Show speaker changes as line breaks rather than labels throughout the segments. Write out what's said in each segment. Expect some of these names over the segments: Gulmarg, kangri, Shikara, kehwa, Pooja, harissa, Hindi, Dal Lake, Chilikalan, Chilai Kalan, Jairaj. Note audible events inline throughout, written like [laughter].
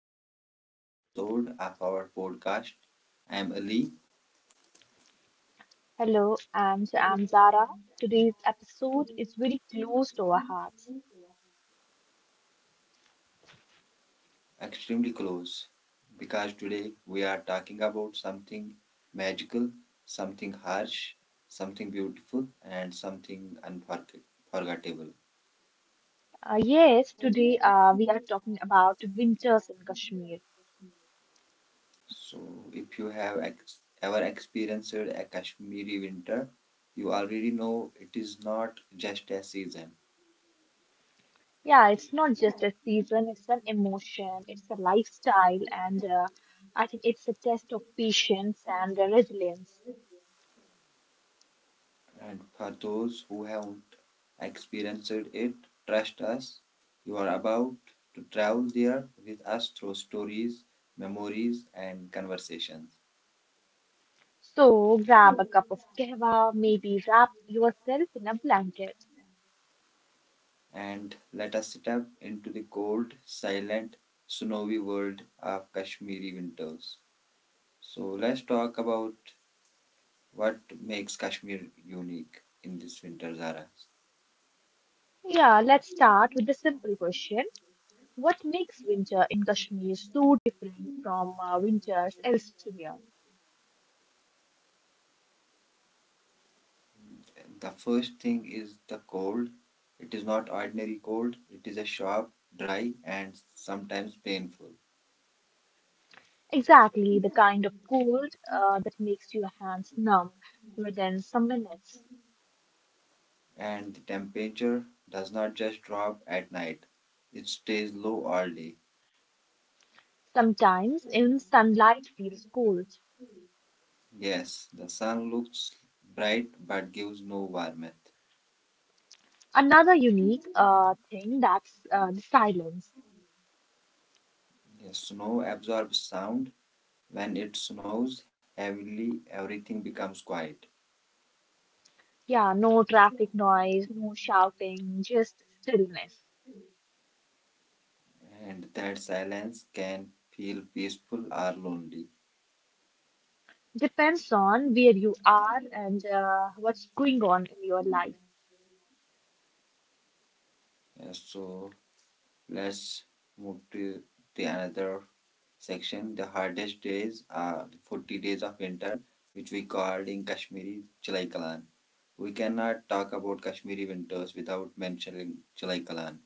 back to another episode of our podcast. I am Ali,
Hello, and I'm Zara. Today's episode is very close to our hearts.
extremely close, because today we are talking about something magical, something harsh, something beautiful, and something unforgettable.
Yes, today we are talking about winters in Kashmir.
So, if you have ever experienced a Kashmiri winter, you already know it is not just a season.
Yeah, it's not just a season, it's an emotion, it's a lifestyle, and I think it's a test of patience and resilience.
And for those who haven't experienced it, trust us, you are about to travel there with us through stories, memories, and conversations.
So grab a cup of kahwa, maybe wrap yourself in a blanket.
And let us step into the cold, silent, snowy world of Kashmiri winters. So let's talk about what makes Kashmir unique in this winter, Zara.
Yeah, let's start with a simple question. What makes winter in Kashmir so different from winters elsewhere?
The first thing is the cold. It is not ordinary cold, it is a sharp, dry, and sometimes painful.
Exactly the kind of cold that makes your hands numb within some minutes.
And the temperature does not just drop at night, it stays low all day.
Sometimes even sunlight feels cold.
Yes, the sun looks bright but gives no warmth.
Another unique thing that's the silence.
Yes, snow absorbs sound. When it snows heavily, everything becomes quiet,
Yeah, no traffic noise, no shouting, just stillness.
and that silence can feel peaceful or lonely.
Depends on where you are and what's going on in your life.
Yes, so let's move to the another section. The hardest days are 40 days of winter, which we called in Kashmiri Chilai Kalan. We cannot talk about Kashmiri winters without mentioning Chilai Kalan.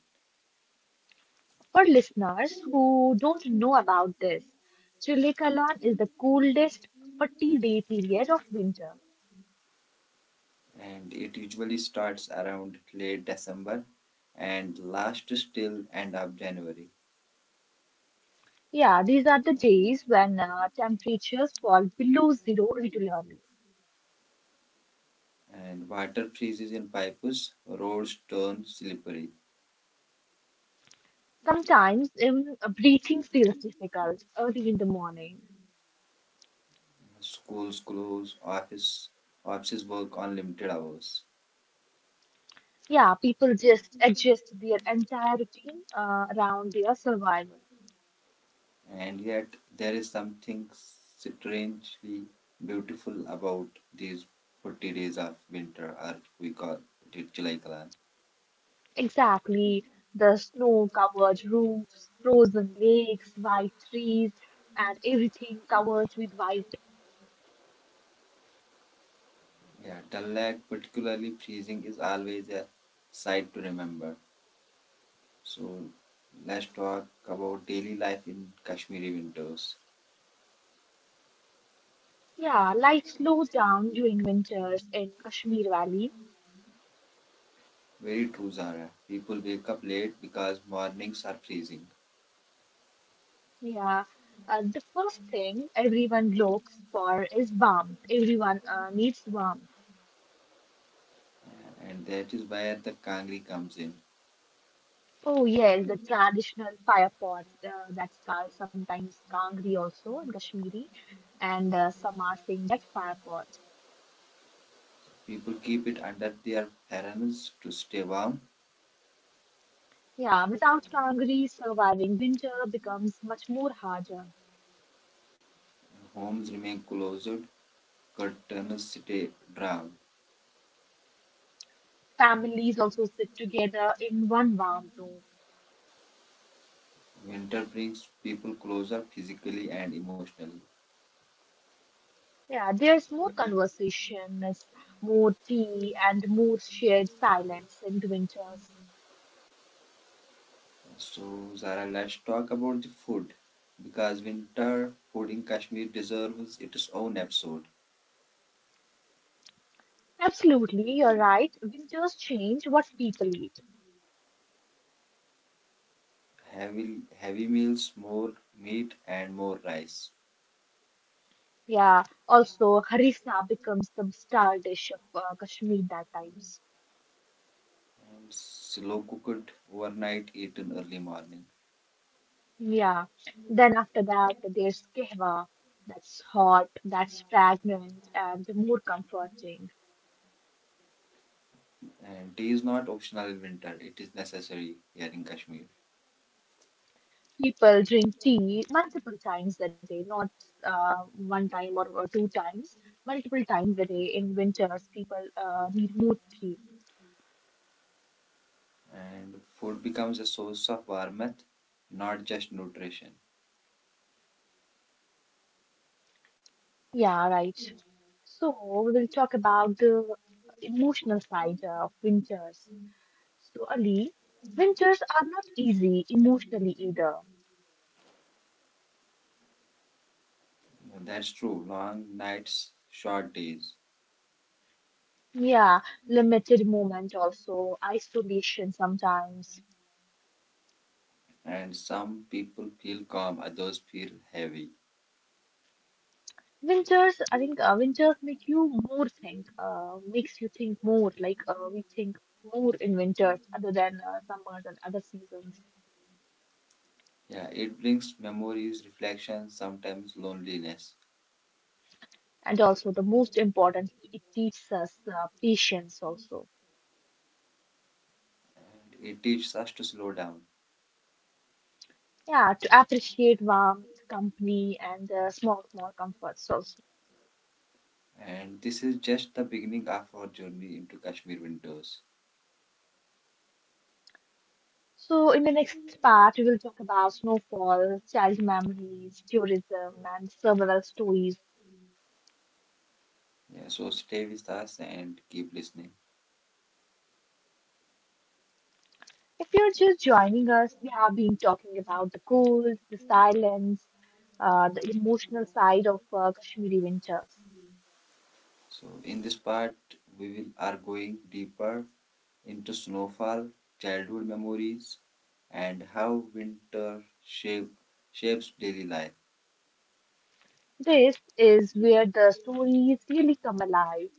For listeners who don't know about this, Chilikalan is the coolest 40-day period of winter.
And it usually starts around late December and lasts till end of January.
Yeah, these are the days when temperatures fall below zero regularly.
And water freezes in pipes, roads turn slippery,
Sometimes even breathing feels difficult early in the morning.
schools close, offices work on limited hours.
Yeah, people just adjust their entire routine around their survival.
And yet, there is something strangely beautiful about these 40 days of winter, or we call it July Kalan.
Exactly. The snow-covered roofs, frozen lakes, white trees, and everything covered with white.
Yeah, Dal Lake, particularly freezing, is always a sight to remember. So, let's talk about daily life in Kashmiri winters.
Yeah, life slows down during winters in Kashmir Valley.
Very true, Zara. People wake up late because mornings are freezing,
Yeah. The first thing everyone looks for is warmth. Everyone needs warmth.
and that is where the kangri comes in.
Oh, yes, the traditional fire pot that's called sometimes kangri also in Kashmiri, and some are Singh, that fire pot.
People keep it under their parents to stay warm.
Yeah, without Kangri, surviving winter becomes much more harder.
Homes remain closed, curtains stay drawn.
Families also sit together in one warm room.
Winter brings people closer physically and emotionally.
Yeah, there's more conversation, there's more tea, and more shared silence in winters.
So, Zara, let's talk about the food because winter food in Kashmir deserves its own episode.
Absolutely, you're right. Winters change what people eat.
Heavy, Heavy meals, more meat, and more rice.
Yeah, also harissa becomes the star dish of Kashmir that time.
And slow cooked overnight, eaten early morning.
Yeah. Then after that, there's kehwa. That's hot, that's fragrant, and more comforting.
And tea is not optional in winter, it is necessary here in Kashmir.
People drink tea multiple times a day, not one time or two times, multiple times a day. In winters, people need more tea.
And food becomes a source of warmth, not just nutrition.
Yeah, right. So we will talk about the emotional side of winters. So, Ali, winters are not easy emotionally either.
That's true. Long nights, short days,
Yeah, limited movement also, isolation sometimes.
and some people feel calm, others feel heavy.
Winters, I think winters make you more think, makes you think more. Like we think more in winters other than summers and other seasons.
Yeah, it brings memories, reflections, sometimes loneliness,
And also, the most important, it teaches us patience also.
and it teaches us to slow down.
Yeah, to appreciate warmth, company, and small, small comforts also.
And this is just the beginning of our journey into Kashmir winters.
So, in the next part, we will talk about snowfall, child memories, tourism, and several stories.
Yeah, so stay with us and keep listening.
If you're just joining us, we have been talking about the cold, the silence, the emotional side of Kashmiri winters.
So in this part, we will are going deeper into snowfall, childhood memories, and shapes daily life.
This is where the stories really come alive.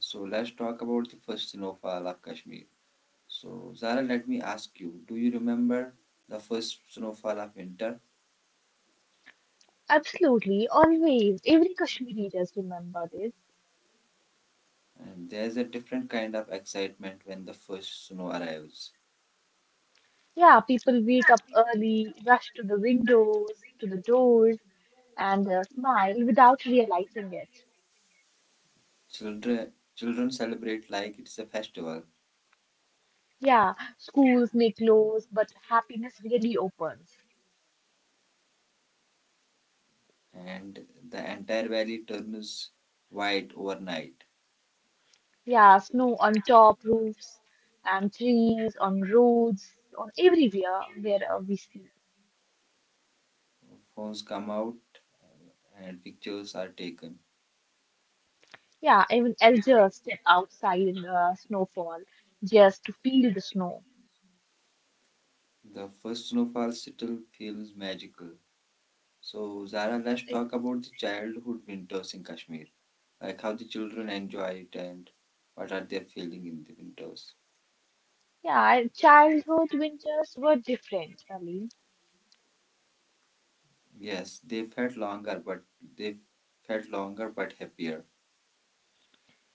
So let's talk about the first snowfall of Kashmir. So Zara, let me ask you, do you remember the first snowfall of winter?
Absolutely, always. Every Kashmiri does remember this.
And there's a different kind of excitement when the first snow arrives.
Yeah, people wake up early, rush to the windows, to the doors, and smile without realizing it.
Children celebrate like it's a festival,
Yeah, schools may close, but happiness really opens.
and the entire valley turns white overnight.
Yeah, snow on top roofs and trees, on roads, on everywhere where we see.
Phones come out and pictures are taken.
Yeah, even elders step outside in the snowfall just to feel the snow.
The first snowfall settle feels magical. So, Zara, let's
It-
talk about the childhood winters in Kashmir. Like how the children enjoy it and what are they feeling in the winters.
Yeah, and childhood winters were different, Ali.
Yes, they felt longer, but they felt longer but happier.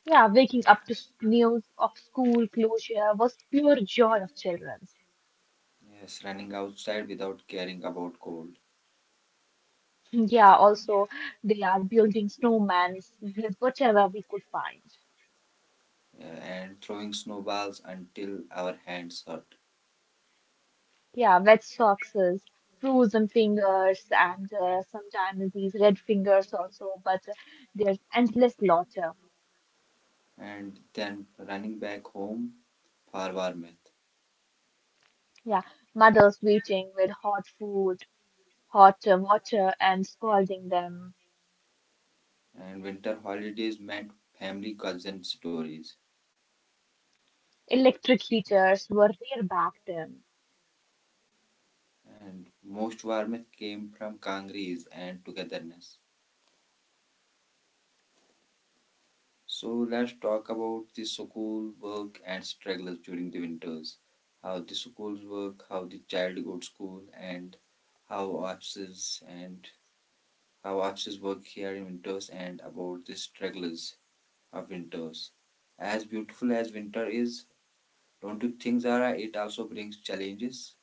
Yeah, waking up to news of school closure was pure joy of children. [laughs]
Yes, running outside without caring about cold,
Yeah, also they are building snowmans with whatever we could find.
and throwing snowballs until our hands hurt,
Yeah, wet socks, frozen fingers, and sometimes these red fingers also, but there's endless lot laughter.
and then running back home for warmth.
Yeah, mothers waiting with hot food, hot water, and scalding them.
And winter holidays meant family cousin stories,
Electric heaters were rare back then.
and most warmth came from kangarees and togetherness. So let's talk about the school work and struggles during the winters, how the schools work, how the child goes to school, and how offices and how offices work here in winters, and about the struggles of winters. As beautiful as winter is, don't you think, Zara, it also brings challenges?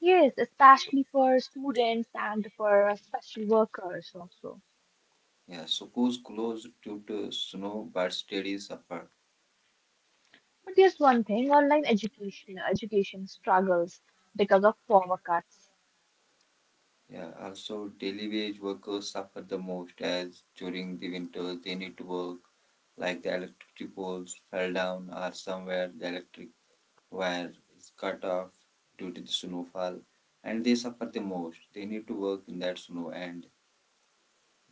Yes, especially for students and for special workers also.
Yeah, so schools closed due to snow, but studies suffered.
But there's one thing, online education struggles because of power cuts.
Yeah, also daily wage workers suffer the most as during the winters they need to work, like the electric poles fell down or somewhere the electric wire is cut off due to the snowfall, and they suffer the most. They need to work in that snow and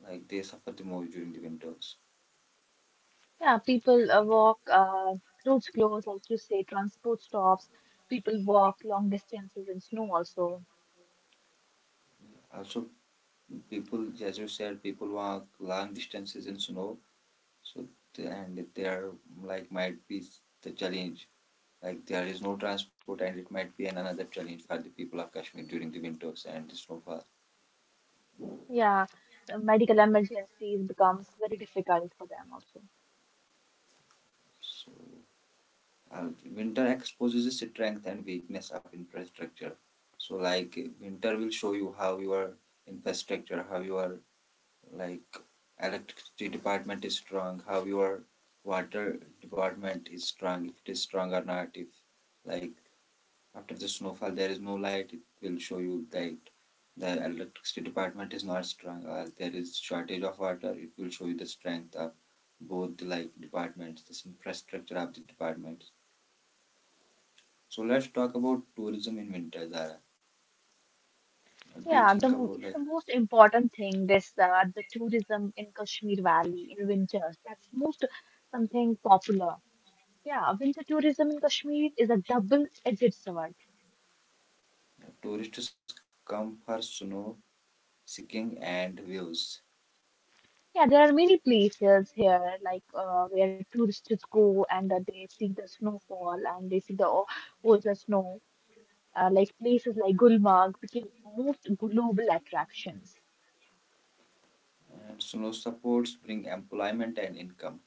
like they suffer the most during the winters.
Yeah, people walk, roads close, like you say, transport stops. People walk long distances in snow also.
Also, people, as you said, people walk long distances in snow. So and there like might be the challenge, like there is no transport and it might be an another challenge for the people of Kashmir during the winters and the snowfall.
Yeah, medical emergencies becomes very difficult for them also.
So uh, winter exposes the strength and weakness of infrastructure. So like winter will show you how your infrastructure, how your like electricity department is strong, how your water department is strong, if it is strong or not. If like after the snowfall, there is no light, it will show you that the electricity department is not strong. There is shortage of water. It will show you the strength of both the like departments, this infrastructure of the departments. So let's talk about tourism in winter, Zara. What do you
Yeah,
think about,
it's
like,
the most important thing, this the tourism in Kashmir Valley in winter. That's most something popular. Yeah, winter tourism in Kashmir is a double-edged sword.
tourists come for snow seeking and views?
Yeah, there are many places here, like where tourists go and they see the snowfall and they see the ocean snow. Like places like Gulmarg became most global attractions.
And snow supports bring employment and income,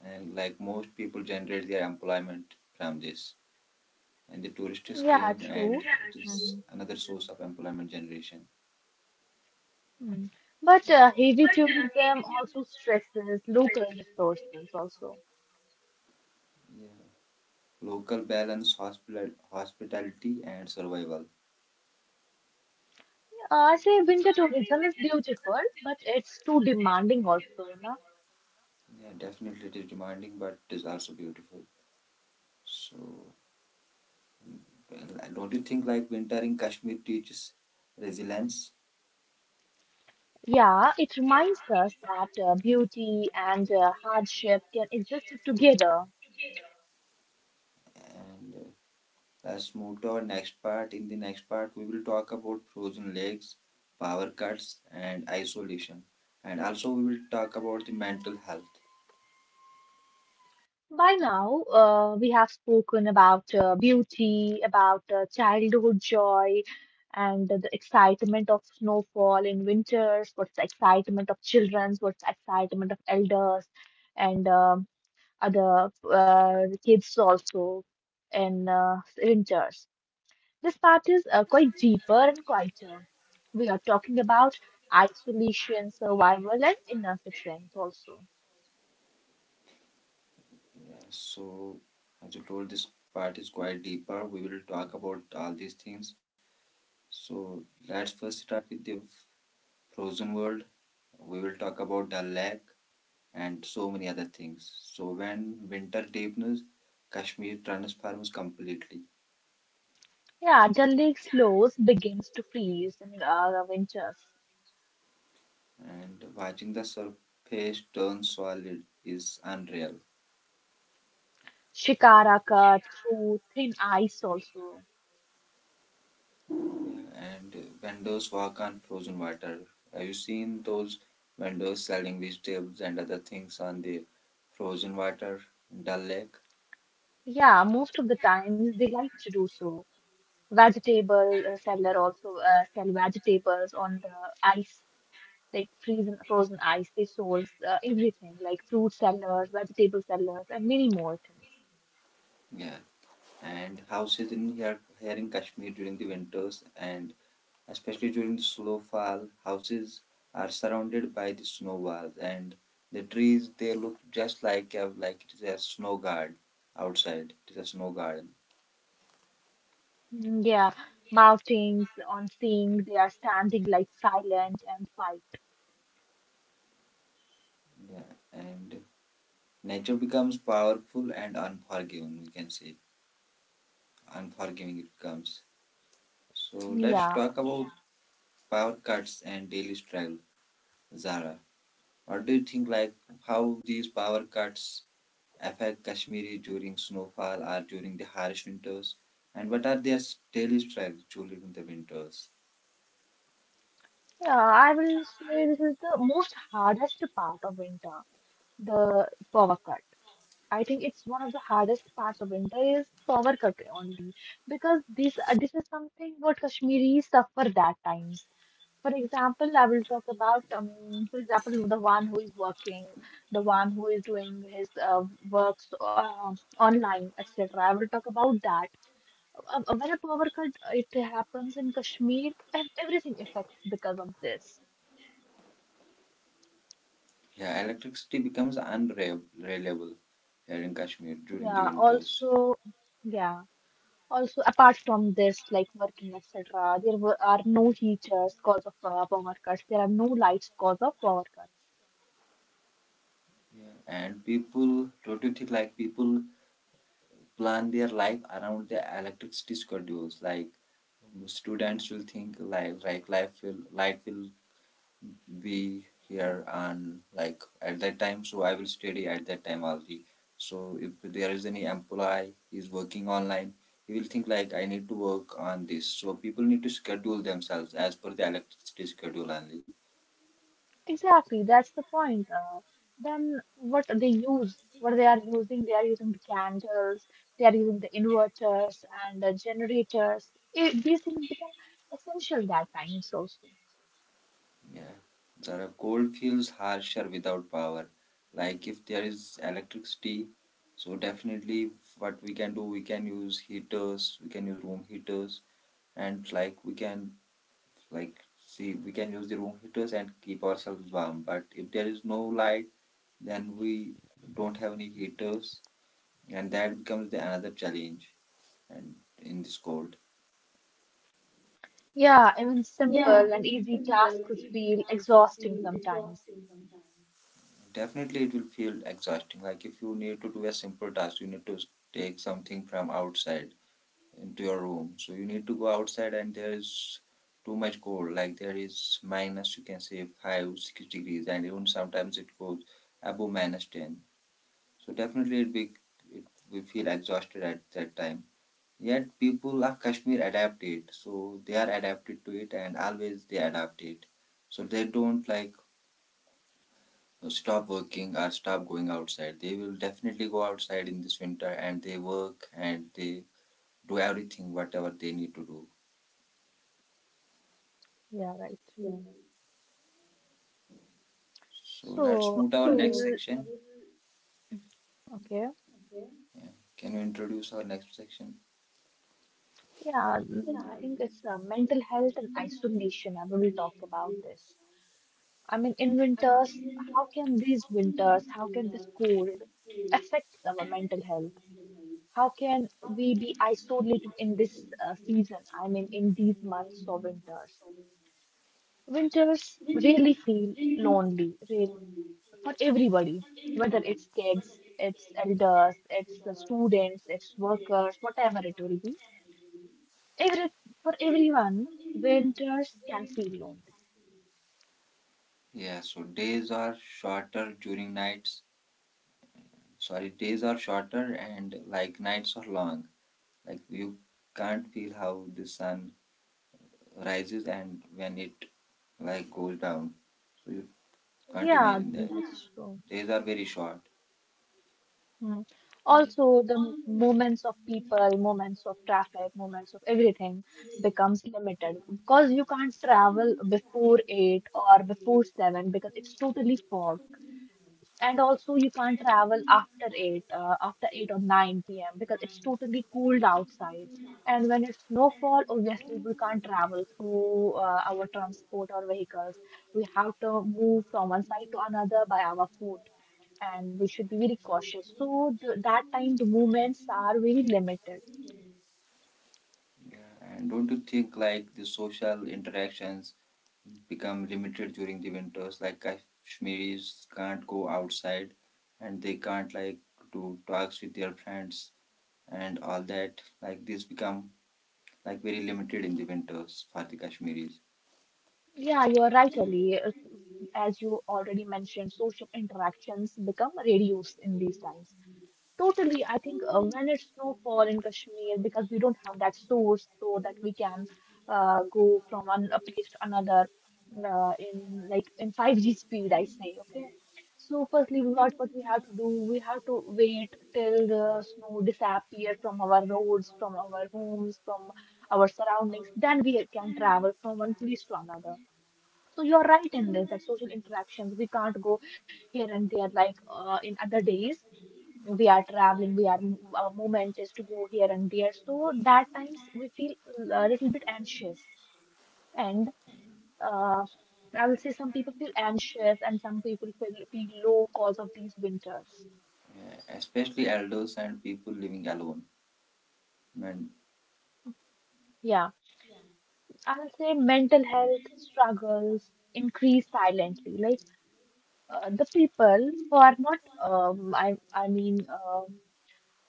and like most people generate their employment from this. And the tourists
Yeah,
came and it
true.
is
hmm
another source of employment generation.
Mm. But heavy tourism also stresses local resources also.
Yeah, local balance hospital hospitality and survival.
I say winter tourism is beautiful, but it's too demanding also, no?
Yeah, definitely it is demanding but it is also beautiful. So, well, don't you think like winter in Kashmir teaches resilience?
Yeah, it reminds us that beauty and hardship can exist together.
And let's move to our next part. In the next part we will talk about frozen lakes, power cuts, and isolation, and also we will talk about the mental health.
By now, we have spoken about beauty, about childhood joy, and the excitement of snowfall in winters, what's the excitement of children, what's the excitement of elders, and other kids also in winters. This part is quite deeper and quieter. We are talking about isolation, survival, and inner strength also.
Yeah, so as you told, this part is quite deeper. We will talk about all these things. So let's first start with the frozen world. We will talk about the lake and so many other things. So when winter deepens, Kashmir transforms completely,
Yeah, Dal Lake slows, begins to freeze in winters.
and watching the surface turn solid is unreal.
Shikara cut through thin ice also.
And vendors work on frozen water. Have you seen those vendors selling vegetables and other things on the frozen water, Dal Lake?
Yeah, most of the times they like to do so. Vegetable seller also sell vegetables on the ice, like freezing frozen ice. They source everything, like fruit sellers, vegetable sellers, and many more things.
Yeah, and houses in here, here in Kashmir during the winters and especially during the slow fall, houses are surrounded by the snow walls, and the trees they look just like a, like it is a snow guard outside. It is a snow garden.
Yeah, mountains on seeing they are standing like silent and white.
Yeah, and nature becomes powerful and unforgiving, we can say. Unforgiving it becomes. So let's
Yeah,
talk about power cuts and daily struggle. Zara, what do you think, like, how these power cuts affect Kashmiri during snowfall or during the harsh winters? And what are their daily struggles during the winters?
yeah, I will say this is the most hardest part of winter, the power cut. I think it's one of the hardest parts of winter is power cut only because this is something what Kashmiris suffer that times. For example, I will talk about for example the one who is working, the one who is doing his works online, etc. I will talk about that. When a power cut it happens in Kashmir, everything affects because of this.
Yeah, electricity becomes unreliable here in Kashmir during the
Yeah,
winters.
also, yeah, also, apart from this, like working, etc., there are no heaters cause of power cuts. There are no lights cause of power cuts.
Yeah. And people, don't you think like people plan their life around the electricity schedules. Like students will think like life will light will be here and like at that time, so I will study at that time only. So if there is any employee is working online, he will think like I need to work on this. So people need to schedule themselves as per the electricity schedule only.
Exactly, that's the point. Then what they use, what they are using the candles, they are using the inverters and the generators. These things become essential that times also.
Yeah. Zara, cold feels harsher without power. Like if there is electricity, so definitely what we can do, we can use heaters, we can use room heaters, and like we can like see we can use the room heaters and keep ourselves warm. But if there is no light, then we don't have any heaters, and that becomes the another challenge. And in this cold,
Yeah, even simple and easy tasks feel exhausting sometimes.
definitely it will feel exhausting. Like if you need to do a simple task, you need to take something from outside into your room. So you need to go outside and there is too much cold. Like there is minus, you can say five, 6 degrees, and even sometimes it goes above minus 10. So definitely it, we feel exhausted at that time. Yet people of Kashmir adapt it. So they are adapted to it and always they adapt it. So they don't like stop working or stop going outside. They will definitely go outside in this winter and they work and they do everything whatever they need to do.
Yeah, right.
So let's
So
move to our
I
next
will,
section.
okay.
Yeah. Can you introduce our next section?
Yeah, I think it's mental health and isolation. I will talk about this. I mean, in winters, how can these winters, how can this cold affect our mental health? How can we be isolated in this season? I mean, in these months or winters. Winters really feel lonely, really for everybody, whether it's kids, it's elders, it's the students, it's workers, whatever it will be. Every for everyone, winters can feel lonely.
Yeah, so days are shorter during nights. Sorry, days are shorter and like nights are long. Like you can't feel how the sun rises and when it like goes down. So you can't
Yeah,
imagine that.
that's true.
Days are very short.
Hmm. Also, the moments of people, moments of traffic, moments of everything becomes limited because you can't travel before eight or before seven because it's totally fog. And also, you can't travel after 8, after 8 or 9 p.m. because it's totally cooled outside. And when it's snowfall, obviously, we can't travel through our transport or vehicles. We have to move from one side to another by our foot, and we should be very cautious. So, th that time, the movements are very limited.
Yeah, and don't you think like the social interactions become limited during the winters? Like Kashmiris can't go outside and they can't like do talks with their friends and all that. Like this become like very limited in the winters for the Kashmiris.
Yeah, you are right, Ali. As you already mentioned, social interactions become reduced in these times. Totally, I think when it's snowfall in Kashmir, because we don't have that source so that we can go from one place to another in like in 5G speed, I say, okay. So firstly, what we have to do, we have to wait till the snow disappear from our roads, from our homes, from our surroundings. Then we can travel from one place to another. So you're right in this that social interactions, we can't go here and there like in other days we are traveling, we are our moment is to go here and there. So that times we feel a little bit anxious, and uh, I will say some people feel anxious and some people feel low cause of these winters.
Yeah, especially elders and people living alone. And
Yeah, I will say mental health struggles increase silently. Like the people who are not,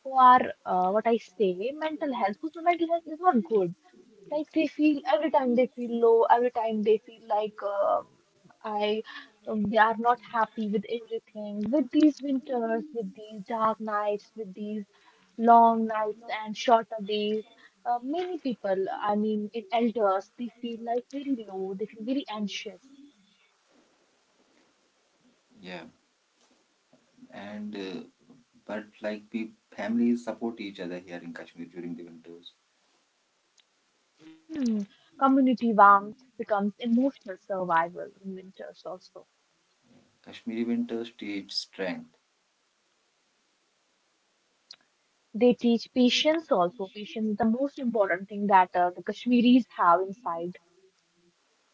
who are what I say, mental health whose mental health is not good. Like they feel every time they feel low, every time they feel like I they are not happy with everything. With these winters, with these dark nights, with these long nights and shorter days, many people, I mean, in elders, they feel like very low. They feel very anxious.
yeah, and but like families support each other here in Kashmir during the winters.
Hmm. Community warmth becomes emotional survival in winters also.
Kashmiri winters teach strength.
They teach patience also. Patience is the most important thing that the Kashmiris have inside.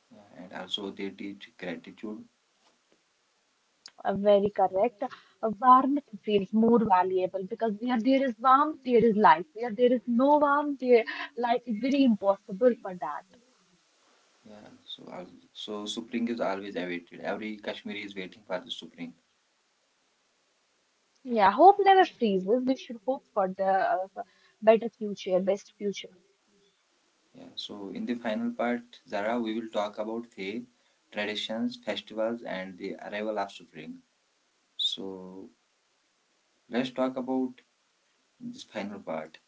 Yeah, and also they teach gratitude.
Very correct. Warmth feels more valuable because where there is warmth, there is life. Where there is no warmth, there, life is very impossible for that.
Yeah, so so Supreme is always awaited. Every Kashmiri is waiting for the Supreme.
Yeah, hope never freezes. We should hope for the for better future, best future.
Yeah, so in the final part, Zara, we will talk about faith, traditions, festivals, and the arrival of Supreme. So let's talk about this final part.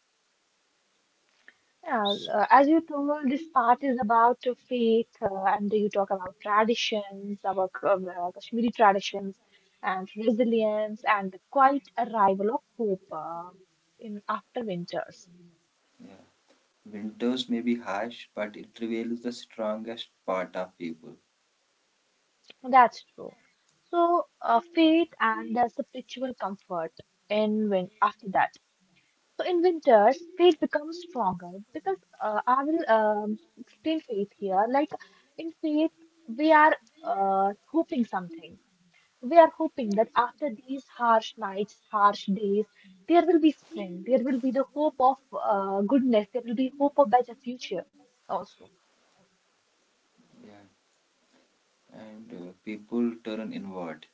Yeah,
So,
as you told, this part is about faith, and you talk about traditions, about Kashmiri traditions, and resilience, and the quiet arrival of hope in after winters.
yeah, winters may be harsh, but it reveals the strongest part of people.
That's true. So, feet and the spiritual comfort in win after that. So in winters, faith becomes stronger because I will explain faith here. Like in faith, we are hoping something. We are hoping that after these harsh nights, harsh days, there will be spring. There will be the hope of goodness. There will be hope of better future also.
Yeah, and people turn inward.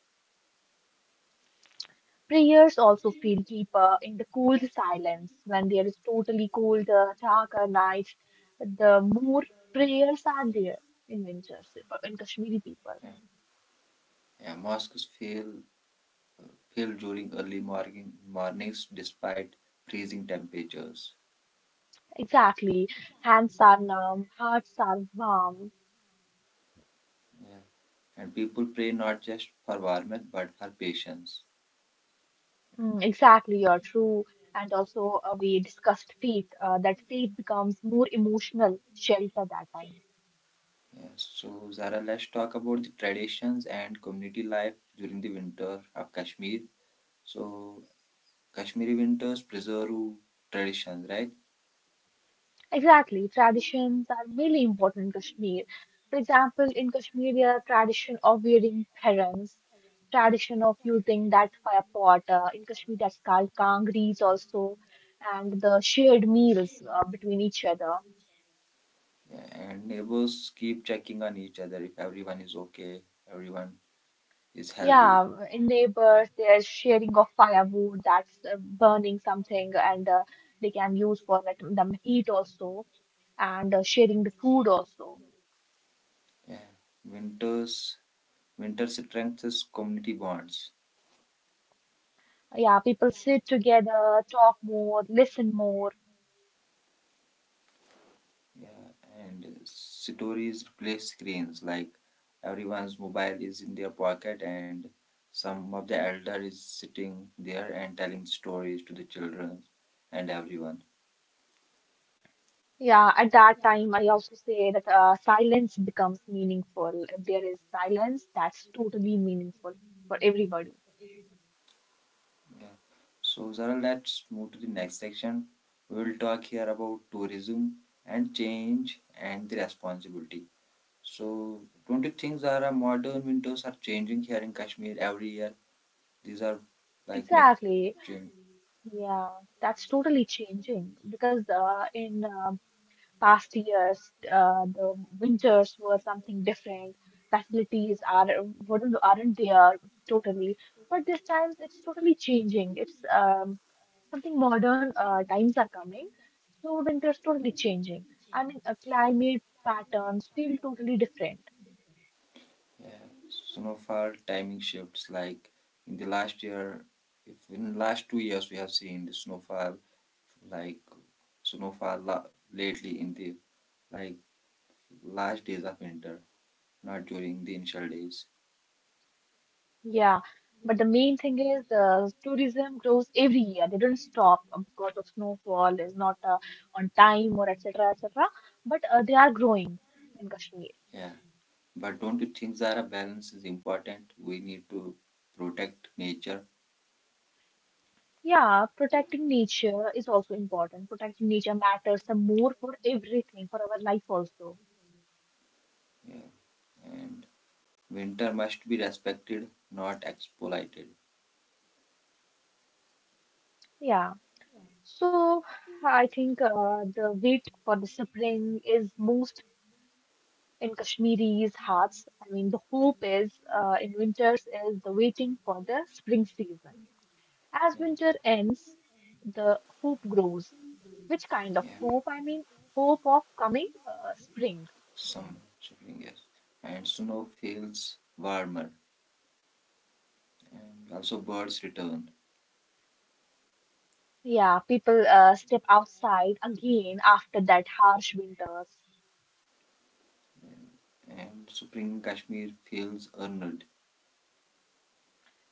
Prayers also feel deeper in the cool silence when there is totally cold, the darker nights, the more prayers are there in winters for- in Kashmiri people.
Yeah, yeah, mosques feel fail during early mornings despite freezing temperatures.
Exactly. Hands are numb, hearts are warm.
Yeah. And people pray not just for warmth but for patience.
Exactly, you're true. And also, we discussed faith, that faith becomes more emotional shelter that time.
Yes. So, Zara, let's talk about the traditions and community life during the winter of Kashmir. So, Kashmiri winters preserve traditions, right?
Exactly. Traditions are really important in Kashmir. For example, in Kashmir, there are tradition of wearing parents, tradition of using that fire pot. In Kashmir, that's called kangris also, and the shared meals between each other.
Yeah. And neighbors keep checking on each other if everyone is okay, everyone is healthy.
Yeah, in neighbors, there's sharing of firewood that's burning something, and they can use for like the heat also, and sharing the food also.
Yeah. Winters, Winter strengthens community bonds.
Yeah, people sit together, talk more, listen more.
Yeah, and stories replace screens. Like everyone's mobile is in their pocket, and some of the elder is sitting there and telling stories to the children and everyone.
Yeah, at that time, I also say that silence becomes meaningful. If there is silence, that's totally meaningful for everybody.
Yeah. So Zara, let's move to the next section. We will talk here about tourism and change and the responsibility. So, don't you think, Zara, modern windows are changing here in Kashmir every year? These are like making
Exactly.
change.
Yeah, that's totally changing because in past years, the winters were something different. Facilities are wouldn't aren't there totally, but this time it's totally changing. It's something modern. Times are coming. So winters totally changing. I mean, a climate patterns feel totally different.
Yeah, some of our timing shifts, like in the last year, if in the last 2 years we have seen the snowfall, like snowfall la- lately in the like last days of winter, not during the initial days.
Yeah, but the main thing is the tourism grows every year. They don't stop because of snowfall is not on time or etc. etc. But they are growing in Kashmir.
Yeah, but don't you think that a balance is important? We need to protect nature.
Yeah, protecting nature is also important. Protecting nature matters some more for everything for our life also.
Yeah, and winter must be respected, not exploited.
Yeah. So I think the wait for the spring is most in Kashmiris' hearts. I mean, the hope is in winters is the waiting for the spring season. As
Yeah,
winter ends, the hope grows. Which kind of
yeah.
hope? I mean, hope of coming spring.
Some shifting, yes, and snow feels warmer, and also birds return,
Yeah, people step outside again after that harsh winters.
and spring in Kashmir feels earned.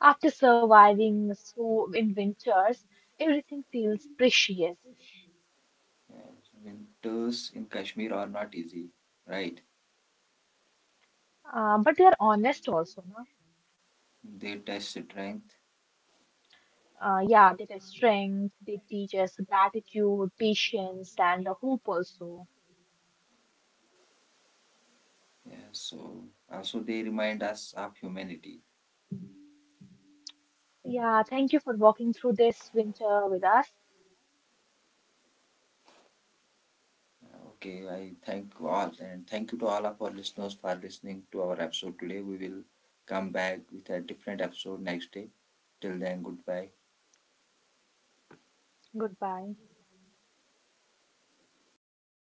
After surviving so in winters, everything feels precious.
And winters in Kashmir are not easy, right?
But they are honest also, no?
They test strength.
Yeah, they test strength, they teach us gratitude, patience, and the hope also.
Yeah, so also they remind us of humanity.
Yeah, thank you for walking through this winter with us.
Okay, I thank all, and thank you to all of our listeners for listening to our episode today. We will come back with a different episode next day. Till then, goodbye.
Goodbye.